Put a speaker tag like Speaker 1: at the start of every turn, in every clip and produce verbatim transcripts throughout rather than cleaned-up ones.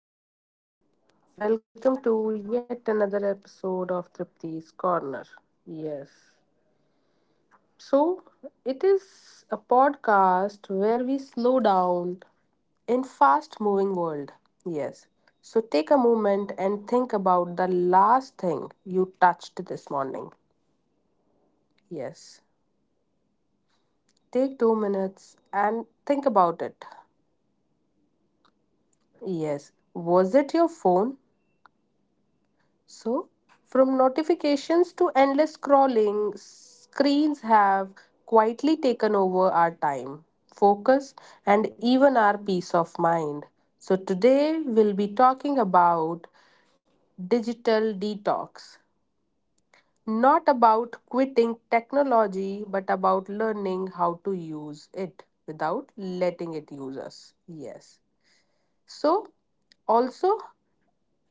Speaker 1: everyone. Welcome to yet another episode of Tripti's Corner. Yes. So, it is a podcast where we slow down in fast moving world. Yes. So, take a moment and think about the last thing you touched this morning. Yes. Take two minutes and think about it. Yes. Was it your phone? So, from notifications to endless scrolling, screens have quietly taken over our time, focus, and even our peace of mind. So, today we'll be talking about digital detox. Not about quitting technology, but about learning how to use it without letting it use us. Yes. So, also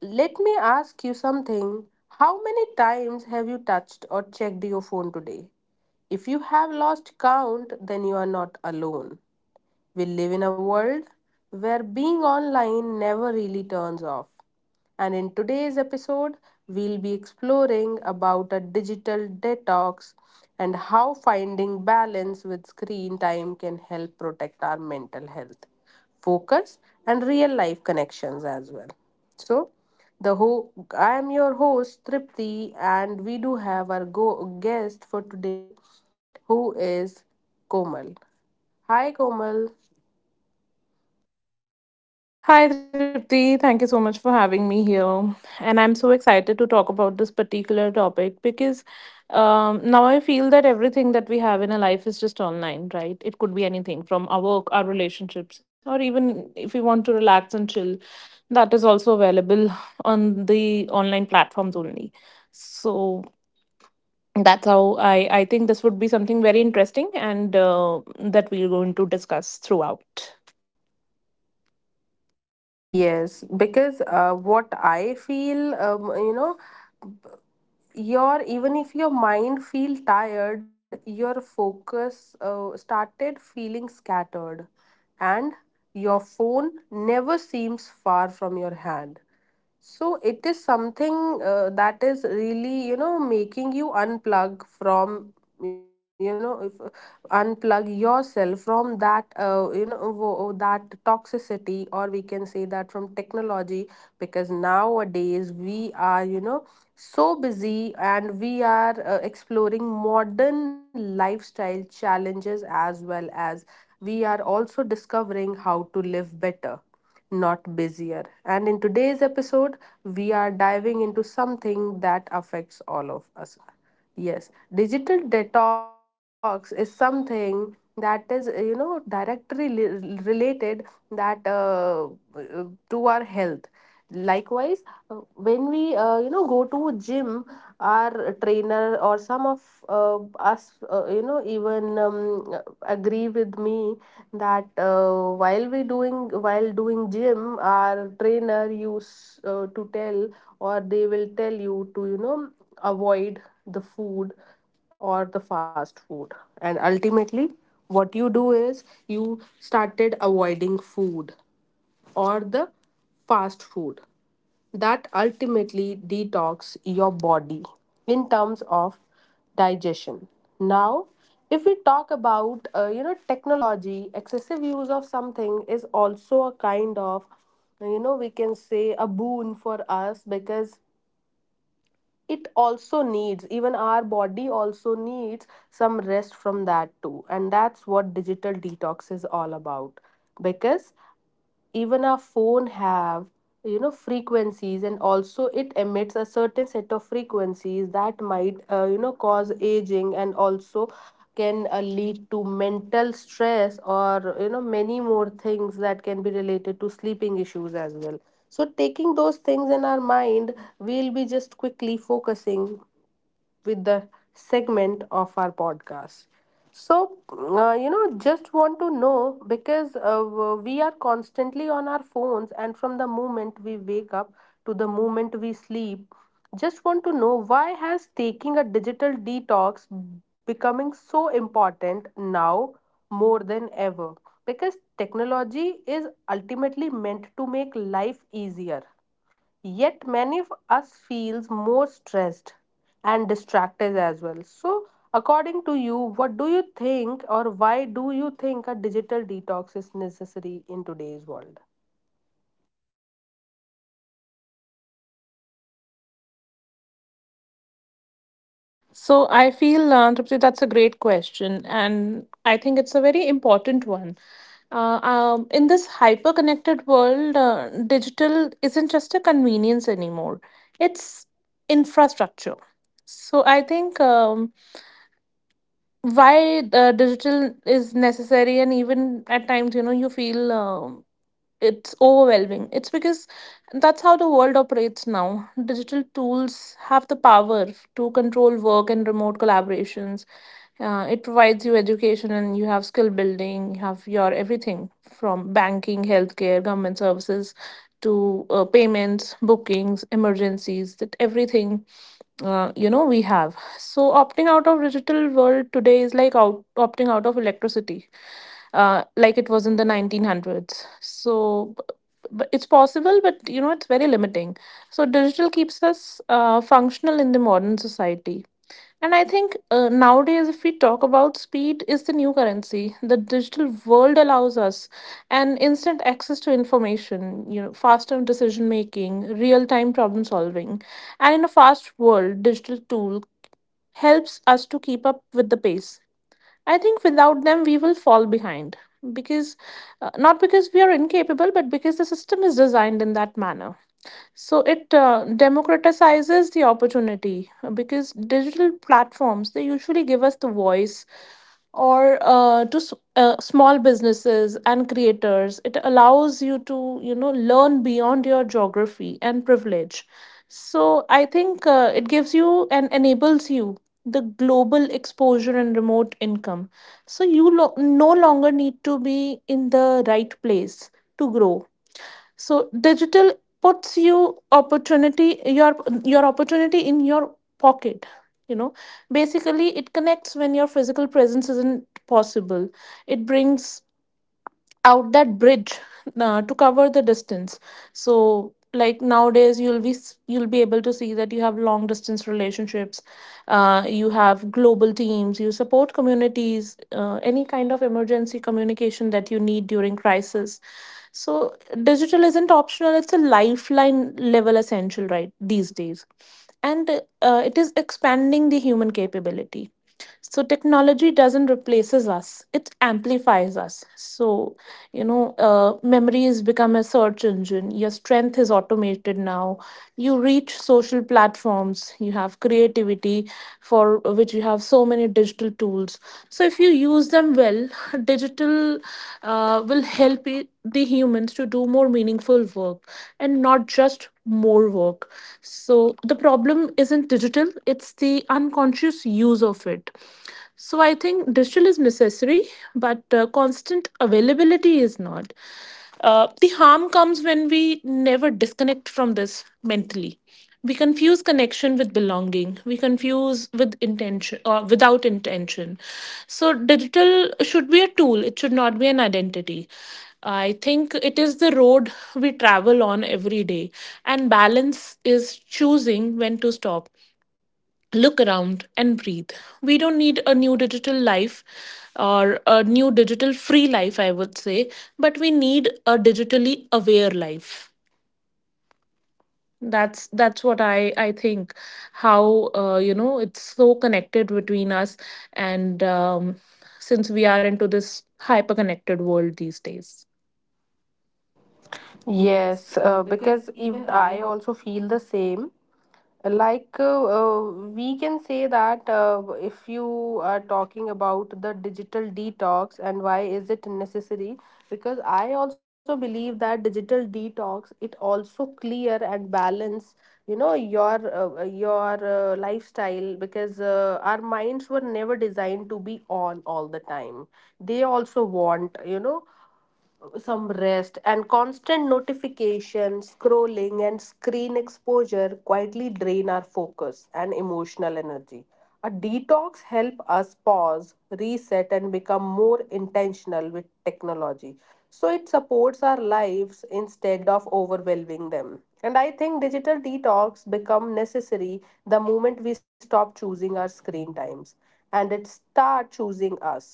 Speaker 1: let me ask you something. How many times have you touched or checked your phone today? If you have lost count, then you are not alone. We live in a world where being online never really turns off. And in today's episode, we'll be exploring about a digital detox and how finding balance with screen time can help protect our mental health, focus, and real life connections as well. So, the ho- I am your host Tripti, and we do have our go- guest for today, who is Komal. Hi, Komal.
Speaker 2: Hi Tripti, thank you so much for having me here. And I'm so excited to talk about this particular topic because um, now I feel that everything that we have in our life is just online, right? It could be anything from our work, our relationships, or even if we want to relax and chill, that is also available on the online platforms only. So that's how I, I think this would be something very interesting and uh, that we're going to discuss throughout.
Speaker 1: Yes, because uh, what I feel, um, you know, your even if your mind feel tired, your focus uh, started feeling scattered, and your phone never seems far from your hand. So it is something uh, that is really, you know, making you unplug from, you know, if, unplug yourself from that, uh, you know, wo- that toxicity, or we can say that from technology, because nowadays we are, you know, so busy and we are uh, exploring modern lifestyle challenges as well as we are also discovering how to live better not busier. And in today's episode, we are diving into something that affects all of us. Yes, digital detox is something that is, uh, you know, directly li- related that uh, uh, to our health. Likewise, uh, when we uh, you know go to gym, our trainer or some of uh, us, uh, you know, even um, agree with me that uh, while we doing while doing gym our trainer used uh, to tell or they will tell you to you know avoid the food or the fast food and ultimately what you do is you started avoiding food or the fast food that ultimately detox your body in terms of digestion now if we talk about uh, you know technology excessive use of something is also a kind of you know we can say a boon for us because it also needs even our body also needs some rest from that too, and that's what digital detox is all about because even our phone have you know frequencies, and also it emits a certain set of frequencies that might uh, you know cause aging and also can uh, lead to mental stress or you know many more things that can be related to sleeping issues as well. So taking those things in our mind, we'll be just quickly focusing with the segment of our podcast. So, uh, you know, just want to know because uh, we are constantly on our phones, and from the moment we wake up to the moment we sleep, just want to know why has taking a digital detox becoming so important now more than ever? Because technology is ultimately meant to make life easier. Yet many of us feels more stressed and distracted as well. So according to you, what do you think or why do you think a digital detox is necessary in today's world?
Speaker 2: So I feel, uh, Tripti, that's a great question, and I think it's a very important one. Uh, um, in this hyper-connected world, uh, digital isn't just a convenience anymore; it's infrastructure. So I think um, why uh, digital is necessary, and even at times, you know, you feel. um it's overwhelming. It's because that's how the world operates now. Digital tools have the power to control work and remote collaborations. Uh, it provides you education and you have skill building, you have your everything from banking, healthcare, government services to uh, payments, bookings, emergencies, that everything uh, you know we have. So opting out of digital world today is like out, opting out of electricity uh, like it was in the nineteen hundreds. So, b- b- it's possible, but you know, it's very limiting. So, digital keeps us uh, functional in the modern society. And I think uh, nowadays, if we talk about speed, is the new currency. The digital world allows us an instant access to information, you know, faster decision making, real time problem solving. And in a fast world, digital tool helps us to keep up with the pace. I think without them, we will fall behind because uh, not because we are incapable, but because the system is designed in that manner. So it uh, democratizes the opportunity uh, because digital platforms they usually give us the voice or uh, to s- uh, small businesses and creators. It allows you to you know learn beyond your geography and privilege. So I think uh, it gives you and enables you the global exposure and remote income. So you lo- no longer need to be in the right place to grow. So digital puts you opportunity your your opportunity in your pocket, you know. Basically it connects when your physical presence isn't possible. It brings out that bridge uh, to cover the distance. So like nowadays you'll be s- you'll be able to see that you have long distance relationships, uh, you have global teams, you support communities, uh, any kind of emergency communication that you need during crisis. So digital isn't optional, it's a lifeline level essential right these days. And uh, it is expanding the human capability. So technology doesn't replaces us, it amplifies us. So, you know, uh, memory has become a search engine. Your strength is automated now. You reach social platforms, you have creativity for which you have so many digital tools. So if you use them well, digital uh, will help i- the humans to do more meaningful work and not just more work. So the problem isn't digital, it's the unconscious use of it. So I think digital is necessary, but uh, constant availability is not. Uh, the harm comes when we never disconnect from this mentally. We confuse connection with belonging. We confuse with intention or without intention. So digital should be a tool. It should not be an identity. I think it is the road we travel on every day, and balance is choosing when to stop, look around and breathe. We don't need a new digital life, or a new digital free life, I would say, but we need a digitally aware life. That's that's what I I think. How uh, you know it's so connected between us, and um, since we are into this hyper connected world these days.
Speaker 1: Yes, uh, because even I also feel the same. Like uh, uh, we can say that uh, if you are talking about the digital detox and why is it necessary? Because I also believe that digital detox it also clear and balance you know your uh, your uh, lifestyle because uh, our minds were never designed to be on all the time. They also want you know some rest, and constant notification scrolling and screen exposure quietly drain our focus and emotional energy. A detox help us pause, reset, and become more intentional with technology, so it supports our lives instead of overwhelming them. And I think digital detox become necessary the moment we stop choosing our screen times and it start choosing us.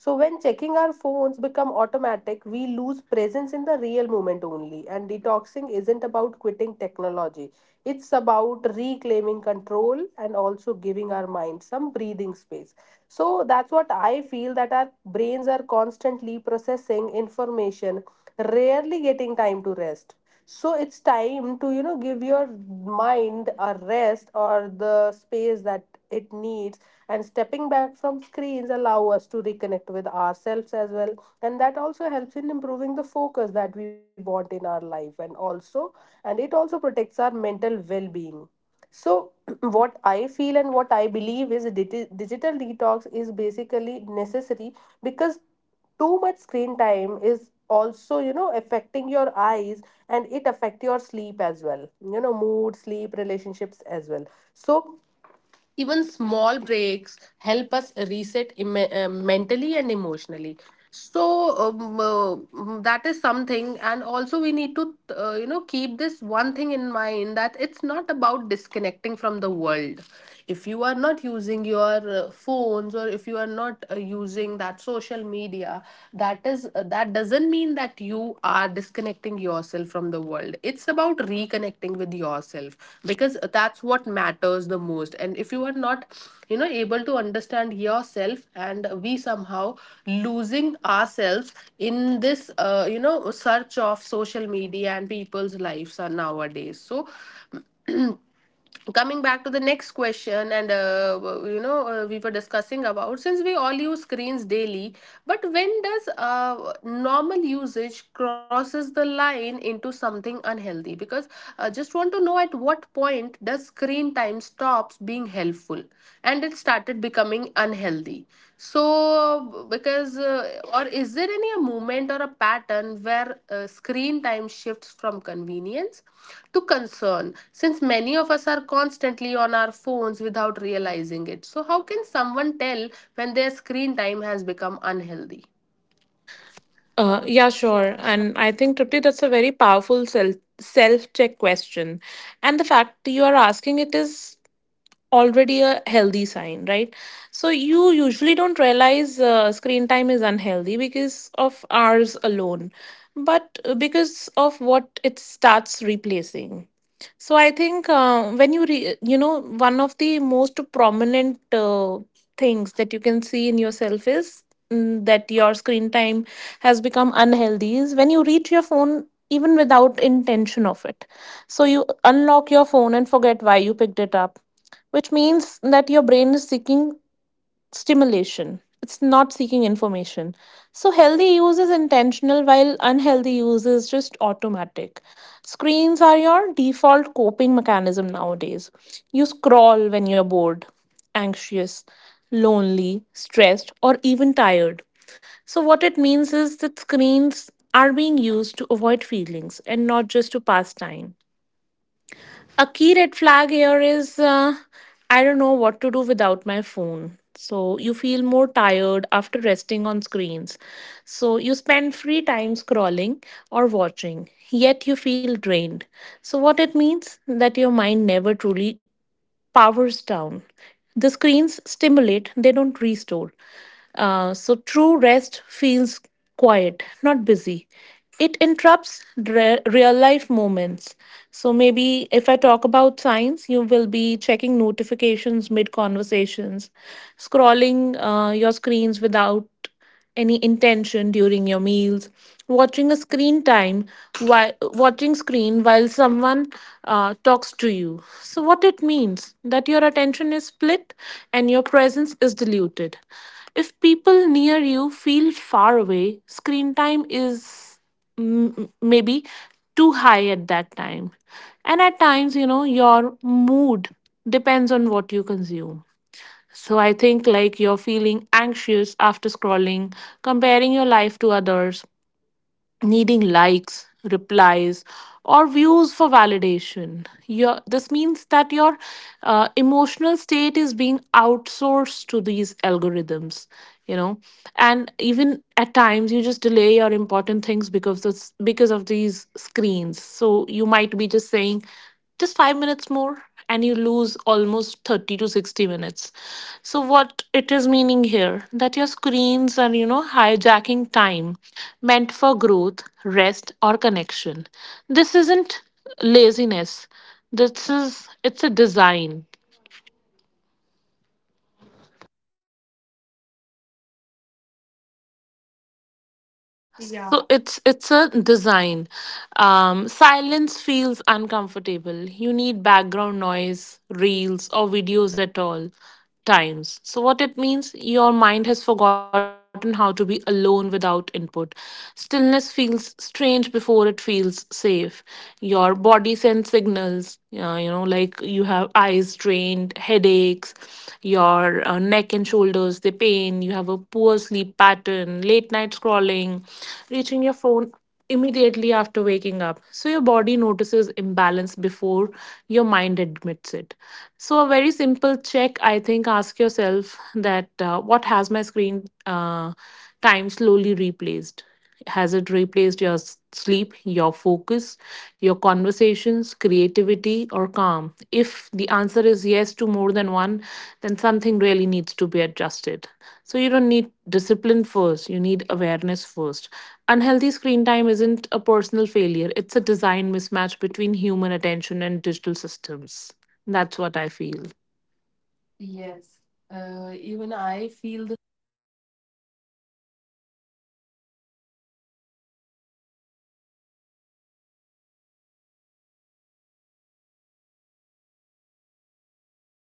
Speaker 1: So when checking our phones become automatic, we lose presence in the real moment only. And detoxing isn't about quitting technology. It's about reclaiming control and also giving our mind some breathing space. So that's what I feel, that our brains are constantly processing information, rarely getting time to rest. So it's time to, you know, give your mind a rest or the space that it needs, and stepping back from screens allow us to reconnect with ourselves as well. And that also helps in improving the focus that we want in our life, and also and it also protects our mental well-being. So what I feel and what I believe is digi- digital detox is basically necessary because too much screen time is also you know affecting your eyes, and it affect your sleep as well, you know, mood, sleep, relationships as well. So even small breaks help us reset em- uh, mentally and emotionally. So um, uh, mm, that is something, and also we need to, uh, you know, keep this one thing in mind, that it's not about disconnecting from the world. If you are not using your uh, phones, or if you are not uh, using that social media, that is uh, that doesn't mean that you are disconnecting yourself from the world. It's about reconnecting with yourself, because that's what matters the most. And if you are not you know able to understand yourself, and we somehow losing ourselves in this uh, you know search of social media and people's lives are nowadays so coming back to the next question. And uh, you know uh, we were discussing about since we all use screens daily, but when does uh, normal usage crosses the line into something unhealthy? Because I just want to know at what point does screen time stops being helpful and it started becoming unhealthy. So, because, uh, or is there any a movement or a pattern where uh, screen time shifts from convenience to concern? Since many of us are constantly on our phones without realizing it. So, how can someone tell when their screen time has become unhealthy?
Speaker 2: Uh, yeah, sure. And I think, Tripti, that's a very powerful self self check question. And the fact you are asking it is already a healthy sign, right? So you usually don't realize uh, screen time is unhealthy because of hours alone, but uh, because of what it starts replacing. So I think uh, when you re- you know one of the most prominent uh, things that you can see in yourself is mm, that your screen time has become unhealthy is when you reach your phone even without intention of it. So you unlock your phone and forget why you picked it up, which means that your brain is seeking stimulation. It's not seeking information. So, healthy use is intentional while unhealthy use is just automatic. Screens are your default coping mechanism nowadays. You scroll when you're bored, anxious, lonely, stressed, or even tired. So, what it means is that screens are being used to avoid feelings and not just to pass time. A key red flag here is uh, I don't know what to do without my phone. So you feel more tired after resting on screens. So you spend free time scrolling or watching, yet you feel drained. So what it means that your mind never truly powers down. The screens stimulate, they don't restore. Uh, so true rest feels quiet, not busy. It interrupts re- real life moments. So maybe if I talk about science, you will be checking notifications mid conversations, scrolling uh, your screens without any intention during your meals, watching a screen time while watching screen while someone uh, talks to you. So what it means that your attention is split and your presence is diluted. If people near you feel far away, screen time is mm, maybe too high at that time. And at times, you know, your mood depends on what you consume. So I think like you're feeling anxious after scrolling, comparing your life to others, needing likes, replies, or views for validation. Your this means that your uh, emotional state is being outsourced to these algorithms. You know, and even at times you just delay your important things because of, because of these screens. So you might be just saying just five minutes more, and you lose almost thirty to sixty minutes. So what it is meaning here that your screens are you know hijacking time meant for growth, rest or connection. This isn't laziness, this is it's a design. So
Speaker 1: Yeah,
Speaker 2: it's it's a design. Um, silence feels uncomfortable. You need background noise, reels, or videos at all times. So what it means, your mind has forgotten how to be alone without input. Stillness feels strange before it feels safe. Your body sends signals uh, you know, like you have eyes strained, headaches, your uh, neck and shoulders they pain, you have a poor sleep pattern, late night scrolling, reaching your phone immediately after waking up. So your body notices imbalance before your mind admits it. So a very simple check, I think, ask yourself that uh, what has my screen uh, time slowly replaced. Has it replaced your s- sleep, your focus, your conversations, creativity, or calm? If the answer is yes to more than one, then something really needs to be adjusted. So you don't need discipline first, you need awareness first. Unhealthy screen time isn't a personal failure, it's a design mismatch between human attention and digital systems. That's what I feel.
Speaker 1: yes. Uh, even I feel the same. Even I feel the same because, uh, you know,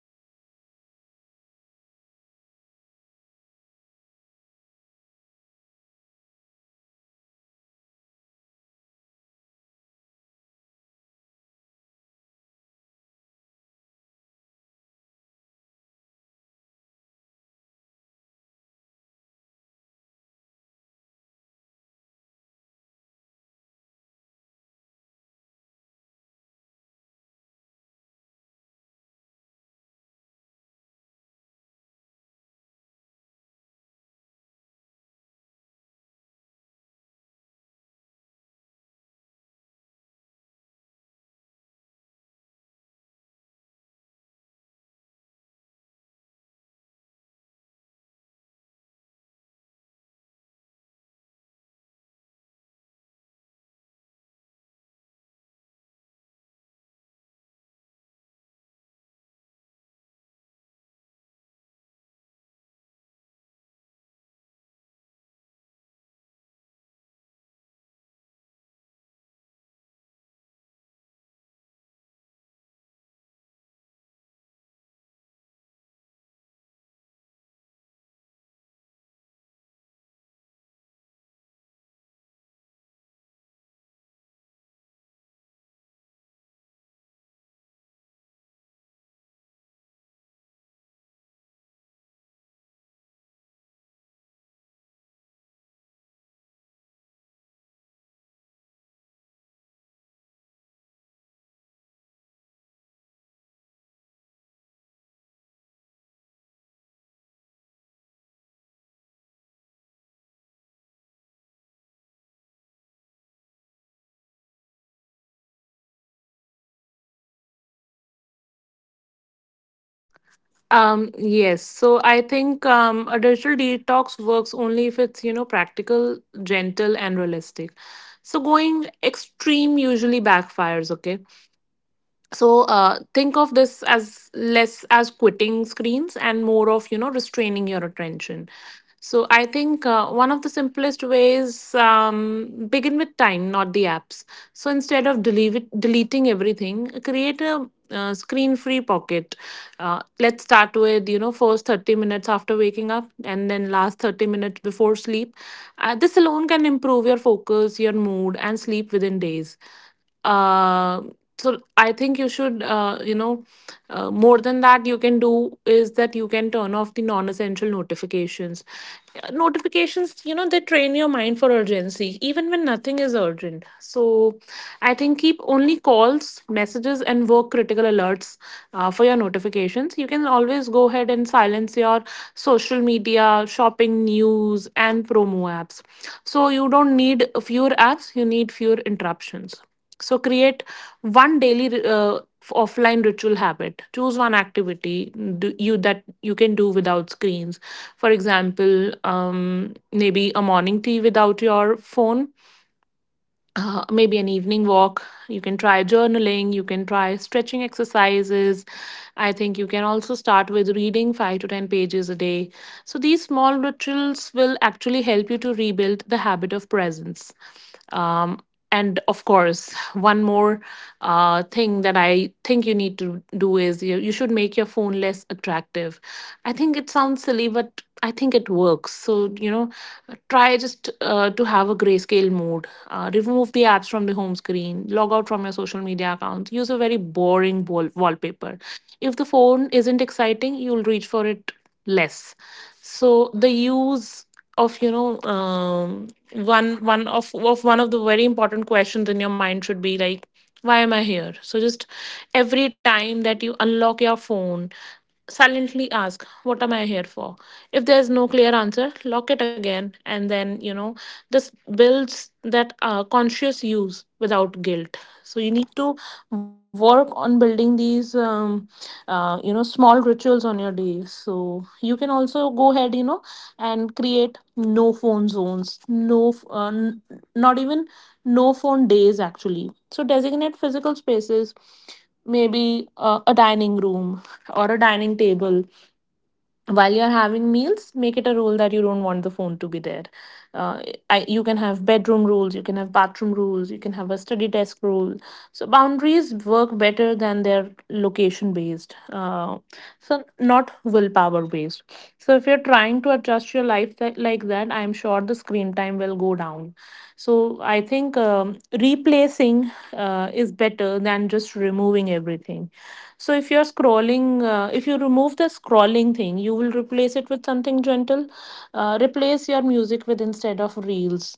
Speaker 1: Uh, uh, uh, we can say because uh, ultimately our goal isn't zero screen time, it's mindful screen time. And because unhealthy screen time isn't about number alone, it's about how it makes you feel. If you are constantly drained, distracted, or disconnected from the real life, it's time to reset your relationship with screens. And it's unhealthy when screen time affects your sleep, mood, or productivity as well. And and you know it, but you still still can't stop yourself from being scrolling those uh, social media, and also from those uh, you know uh, the videos uh, that are showing on your phone, and constantly you keep on doing the same thing. So I think screen time turns unhealthy when it stopped being a tool and started become a hell habit, so you can't break it. Um, and when you feel restless without your phone or keep scrolling even when you are tired, that's your cue to pause. So uh, that's something, you know, screen time become unhealthy when it start interfering with daily life, when sleep suffers, focus drops, or relationship feel distant. So if reaching for your phone is automatic rather than intentional, that's usually the turning point. And he- from here uh, like I have one more question to ask, that for someone who knows they need a break but feel overwhelmed about where to begin, we are some sim- what are some simple and realistic ways to start a digital detox, right? Because um, a lot more people want to unplug but don't know how to start without going extreme. So what are a few small, manageable steps anyone can take to begin a digital detox? Since many of us know we should take breaks from screens as well, but actually doing it it's a hard part. So according to you, some easy habits listen, listeners can start today to reduce the screen time.
Speaker 2: Um, yes. So I think um, a digital detox works only if it's, you know, practical, gentle, and realistic. So going extreme usually backfires, okay? So uh, think of this as less as quitting screens and more of you know restraining your attention. So I think uh, one of the simplest ways, um, begin with time not the apps. So instead of delete, deleting everything, create a uh, screen free pocket. Uh, let's start with you know first thirty minutes after waking up and then last thirty minutes before sleep. Uh, this alone can improve your focus, your mood and sleep within days. Uh, so I think you should uh, you know, uh, more than that you can do is that you can turn off the non essential notifications. Uh, notifications, you know, they train your mind for urgency even when nothing is urgent. So I think keep only calls, messages and work critical alerts. Uh, for your notifications you can always go ahead and silence your social media, shopping, news and promo apps. So you don't need fewer apps, you need fewer interruptions. So create one daily uh, offline ritual habit. Choose one activity, mm, do you that you can do without screens. For example, um, maybe a morning tea without your phone, uh, maybe an evening walk. You can try journaling, you can try stretching exercises. I think you can also start with reading five to ten pages a day. So, these small rituals will actually help you to rebuild the habit of presence. Um, and of course, one more uh, thing that I think you need to do is you, you should make your phone less attractive. I think it sounds silly, but I think it works. So, you know, try just uh, to have a grayscale mode, uh, remove the apps from the home screen, log out from your social media account, use a very boring wall- wallpaper. If the phone isn't exciting, you'll reach for it less. So the use of you know um, one one of of one of the very important questions in your mind should be like, why am I here? So just every time that you unlock your phone, silently ask, what am I here for? If there's no clear answer, lock it again. And then you know this builds that uh, conscious use without guilt. So you need to work on building these um, uh, you know small rituals on your day. So you can also go ahead you know and create no phone zones, no f- uh, n- not even no phone days actually. So designate physical spaces, maybe uh, a dining room or a dining table. While you're having meals, make it a rule that you don't want the phone to be there. uh, I, you can have bedroom rules, you can have bathroom rules, you can have a study desk rule. So boundaries work better than they're location based, uh, so not willpower based. So if you're trying to adjust your life that, like that, I'm sure the screen time will go down. So I think um, replacing uh, is better than just removing everything. So if you're scrolling, uh, if you remove the scrolling thing, you will replace it with something gentle. Uh, replace your music with, instead of reels,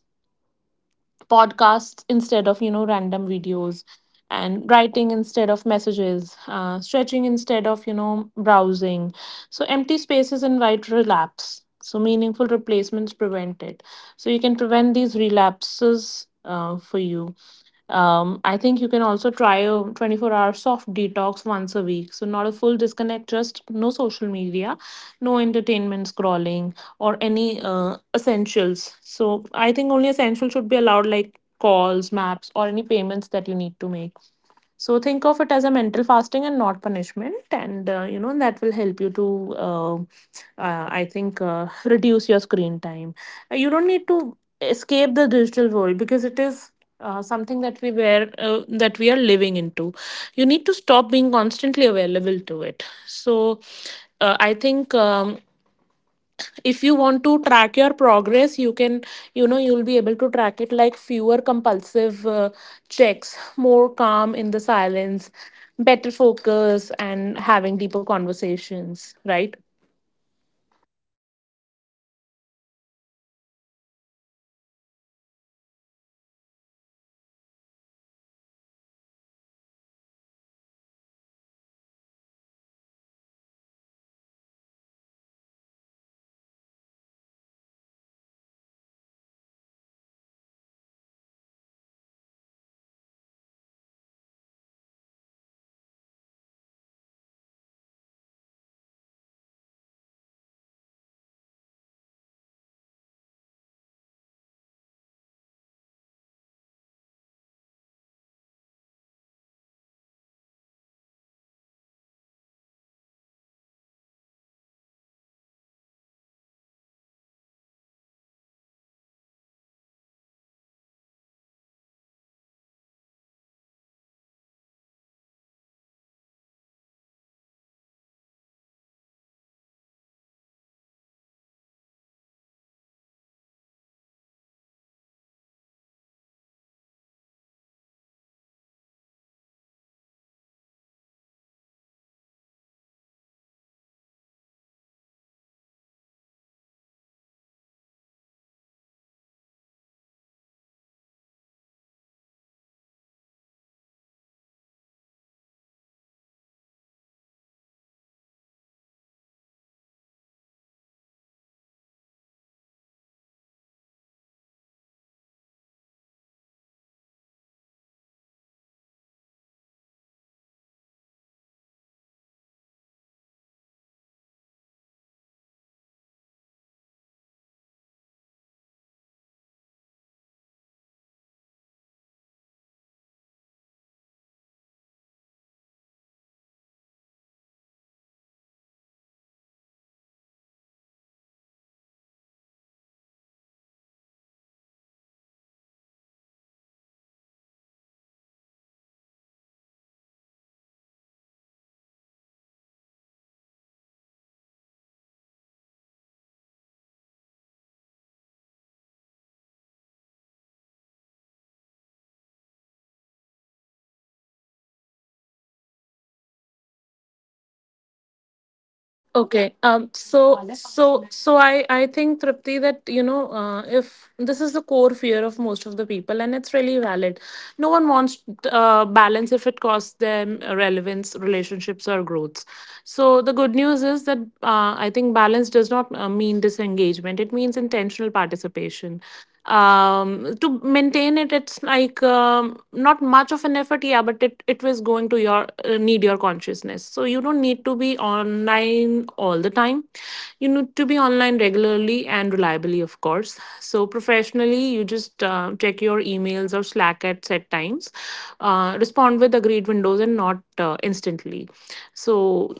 Speaker 2: podcasts instead of you know random videos, and writing instead of messages, uh, stretching instead of you know browsing. So empty spaces invite relapse. So meaningful replacements prevent it. So you can prevent these relapses uh, for you. Um, I think you can also try a twenty-four hour soft detox once a week. So, not a full disconnect, just no social media, no entertainment scrolling, or any uh, essentials. So, I think only essentials should be allowed, like calls, maps, or any payments that you need to make. So, think of it as a mental fasting and not punishment. And, uh, you know, that will help you to, uh, uh, I think, uh, reduce your screen time. Uh, You don't need to escape the digital world, because it is uh, something that we were uh, that we are living into. You need to stop being constantly available to it. So uh, I think, um, if you want to track your progress, you can, you know you'll be able to track it, like fewer compulsive uh, checks, more calm in the silence, better focus, and having deeper conversations, right?
Speaker 1: Yes, even I feel the same. And also, some listeners, you know, feel like uh, uh, being uh, digitally detoxed means giving something up, but it means clarity. So begin with one habit that feels manageable. Stick with it daily, or uh, else we, you can do let balance build naturally over time. So start small, turn off non essential notifications as you have mentioned, or set screen free hours, or choose one offline activity you enjoy. So consistency, uh, consistency matters more than perfection. And uh, a simple way to start a digital detox is to create space for silence. So we just have to put our phones away during quiet moments. Uh, for example, it can be morning routines or evening or before sleep. And these small pauses help your mind uh, reset. And also, uh, also I always say don't go cold turkey. Begin by noticing your habits, maybe replace just one, or um, else you know one scrolling session with a walk, reading, or a journaling. Even twenty minutes offline a day can make a difference, so that's what I feel as well. And also, some of the listeners worry that if they unplug, they might fall behind socially or even professionally. So, according to you, how can someone maintain a healthy digital balance without feeling disconnected or left out? Because a lot of people feel anxious about unplugging because they are afraid of missing out on work updates, message, or social connections. How do you stay balanced without feeling like falling behind, and in a world where being constantly available feels expected? And also, many people fear that unplugging could co- cost them opportunities. So, how can we protect our mental health while still staying engaged, according to you?
Speaker 2: Okay. Um. So. So. So. I. I think, Tripti, that you know. Uh, if this is the core fear of most of the people, and it's really valid. No one wants uh, balance if it costs them relevance, relationships, or growths. So the good news is that uh, I think balance does not uh, mean disengagement. It means intentional participation. Um, to maintain it, it's like um, not much of an effort. Yeah, but it it was going to your uh, need your consciousness. So you don't need to be online all the time, you need to be online regularly and reliably, of course. So professionally, you just uh, check your emails or Slack at set times, uh, respond with agreed windows and not uh, instantly. So,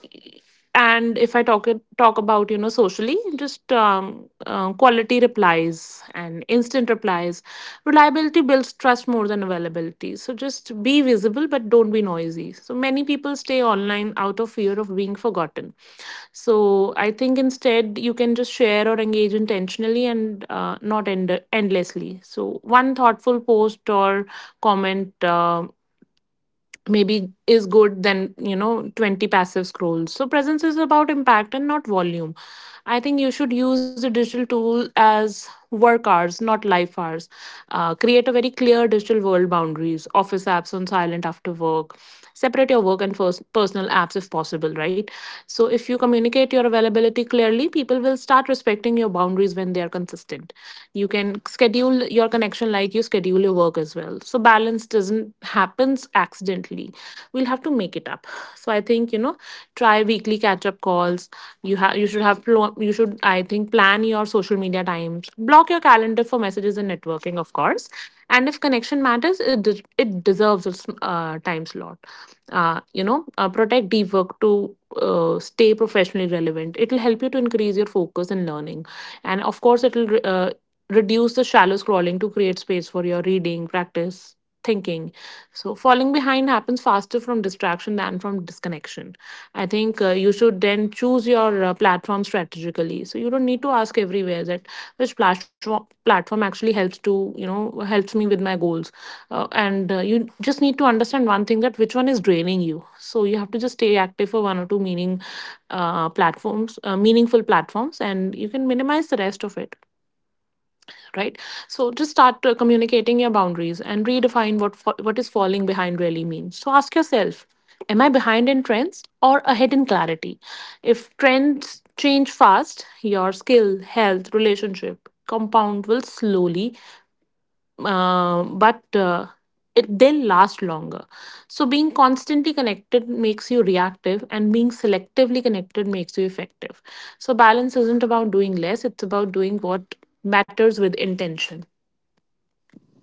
Speaker 2: and if I talk talk about you know socially, just um, uh, quality replies and instant replies. Reliability builds trust more than availability. So just be visible, but don't be noisy. So many people stay online out of fear of being forgotten. So I think instead you can just share or engage intentionally and uh, not end- endlessly. So one thoughtful post or comment Uh, maybe is good than you know twenty passive scrolls. So presence is about impact and not volume. I think you should use the digital tool as work hours, not life hours. Uh, create a very clear digital world boundaries, office apps on silent after work. Separate your work and first personal apps if possible, right? So, if you communicate your availability clearly, people will start respecting your boundaries when they are consistent. You can schedule your connection like you schedule your work as well. So, balance doesn't happens accidentally. We'll have to make it up. So, I think, you know, try weekly catch up calls. You have you should have pl- you should I think plan your social media times, block your calendar for messages and networking, of course. And if connection matters, it de- it deserves a s- uh, time slot. Uh, you know uh, protect deep work to uh, stay professionally relevant. It will help you to increase your focus in learning, and of course it will re- uh, reduce the shallow scrolling to create space for your reading practice, thinking. So falling behind happens faster from distraction than from disconnection. I think uh, you should then choose your uh, platform strategically. So you don't need to ask everywhere that which platform platform actually helps to, you know helps me with my goals, uh, and uh, you just need to understand one thing, that which one is draining you. So you have to just stay active for one or two meaning uh, platforms, uh, meaningful platforms, and you can minimize the rest of it, right? So just start uh, communicating your boundaries and redefine what fa- what is falling behind really means. So ask yourself, am I behind in trends or ahead in clarity? If trends change fast, your skill, health, relationship compound will slowly, uh, but uh, it, they'll last longer. So being constantly connected makes you reactive, and being selectively connected makes you effective. So balance isn't about doing less, it's about doing what matters with intention.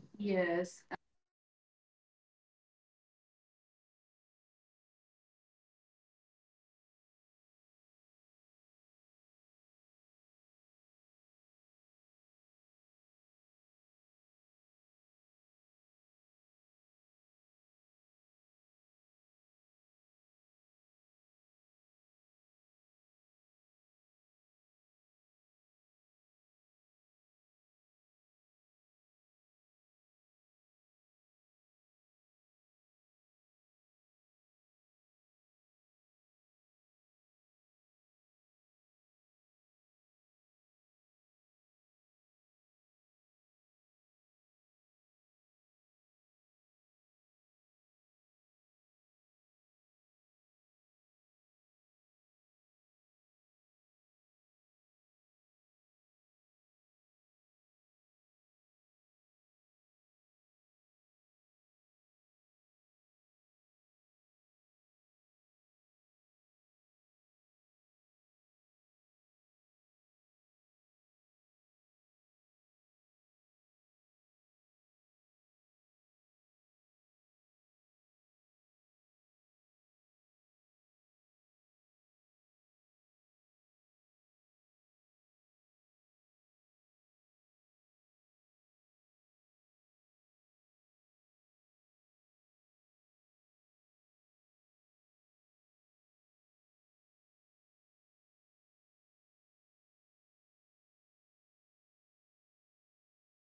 Speaker 1: Yes, and thank you so much. You know, uh, uh, thank you so much for your sh- uh, you- for you for sharing your powerful insights as well. And uh, here we are at the end of this today's podcast. As we wrap up today's podcast of you know Tripti's Corner, I want you to leave. You, I want to leave you with this thought: technology is a powerful tool, but you are always more powerful than your screen. So, finding balance in a digital world doesn't mean walking away from the technology forever. It means choosing presence over pressure, connection over constant scrolling, and peace over productivity. Definitely the guilt. So, start small, one quiet morning, one phone free meal, one moment where you choose to be fully present, because those small moments slowly create a calmer mind and a healthier life. So you don't need to be available to everyone to be valuable to yourself. So that's uh, what uh, you need to remember. And also, one more thing, I'll leave you with the thought. And there's a saying as well, with that, uh, we'll be, you know, closing that up with that final quote. And I'll leave you with it, that almost everything will work again if you unplug it for a few minutes, including you. And that was, uh, you know, a great thought by Annie Lamott. And so take a deep breath, step away from the screen, reconnect with what truly matters. And this is Tripti's Corner. Until next time, stay mindful, stay balanced, and take care of your mental well being. Thank you so much.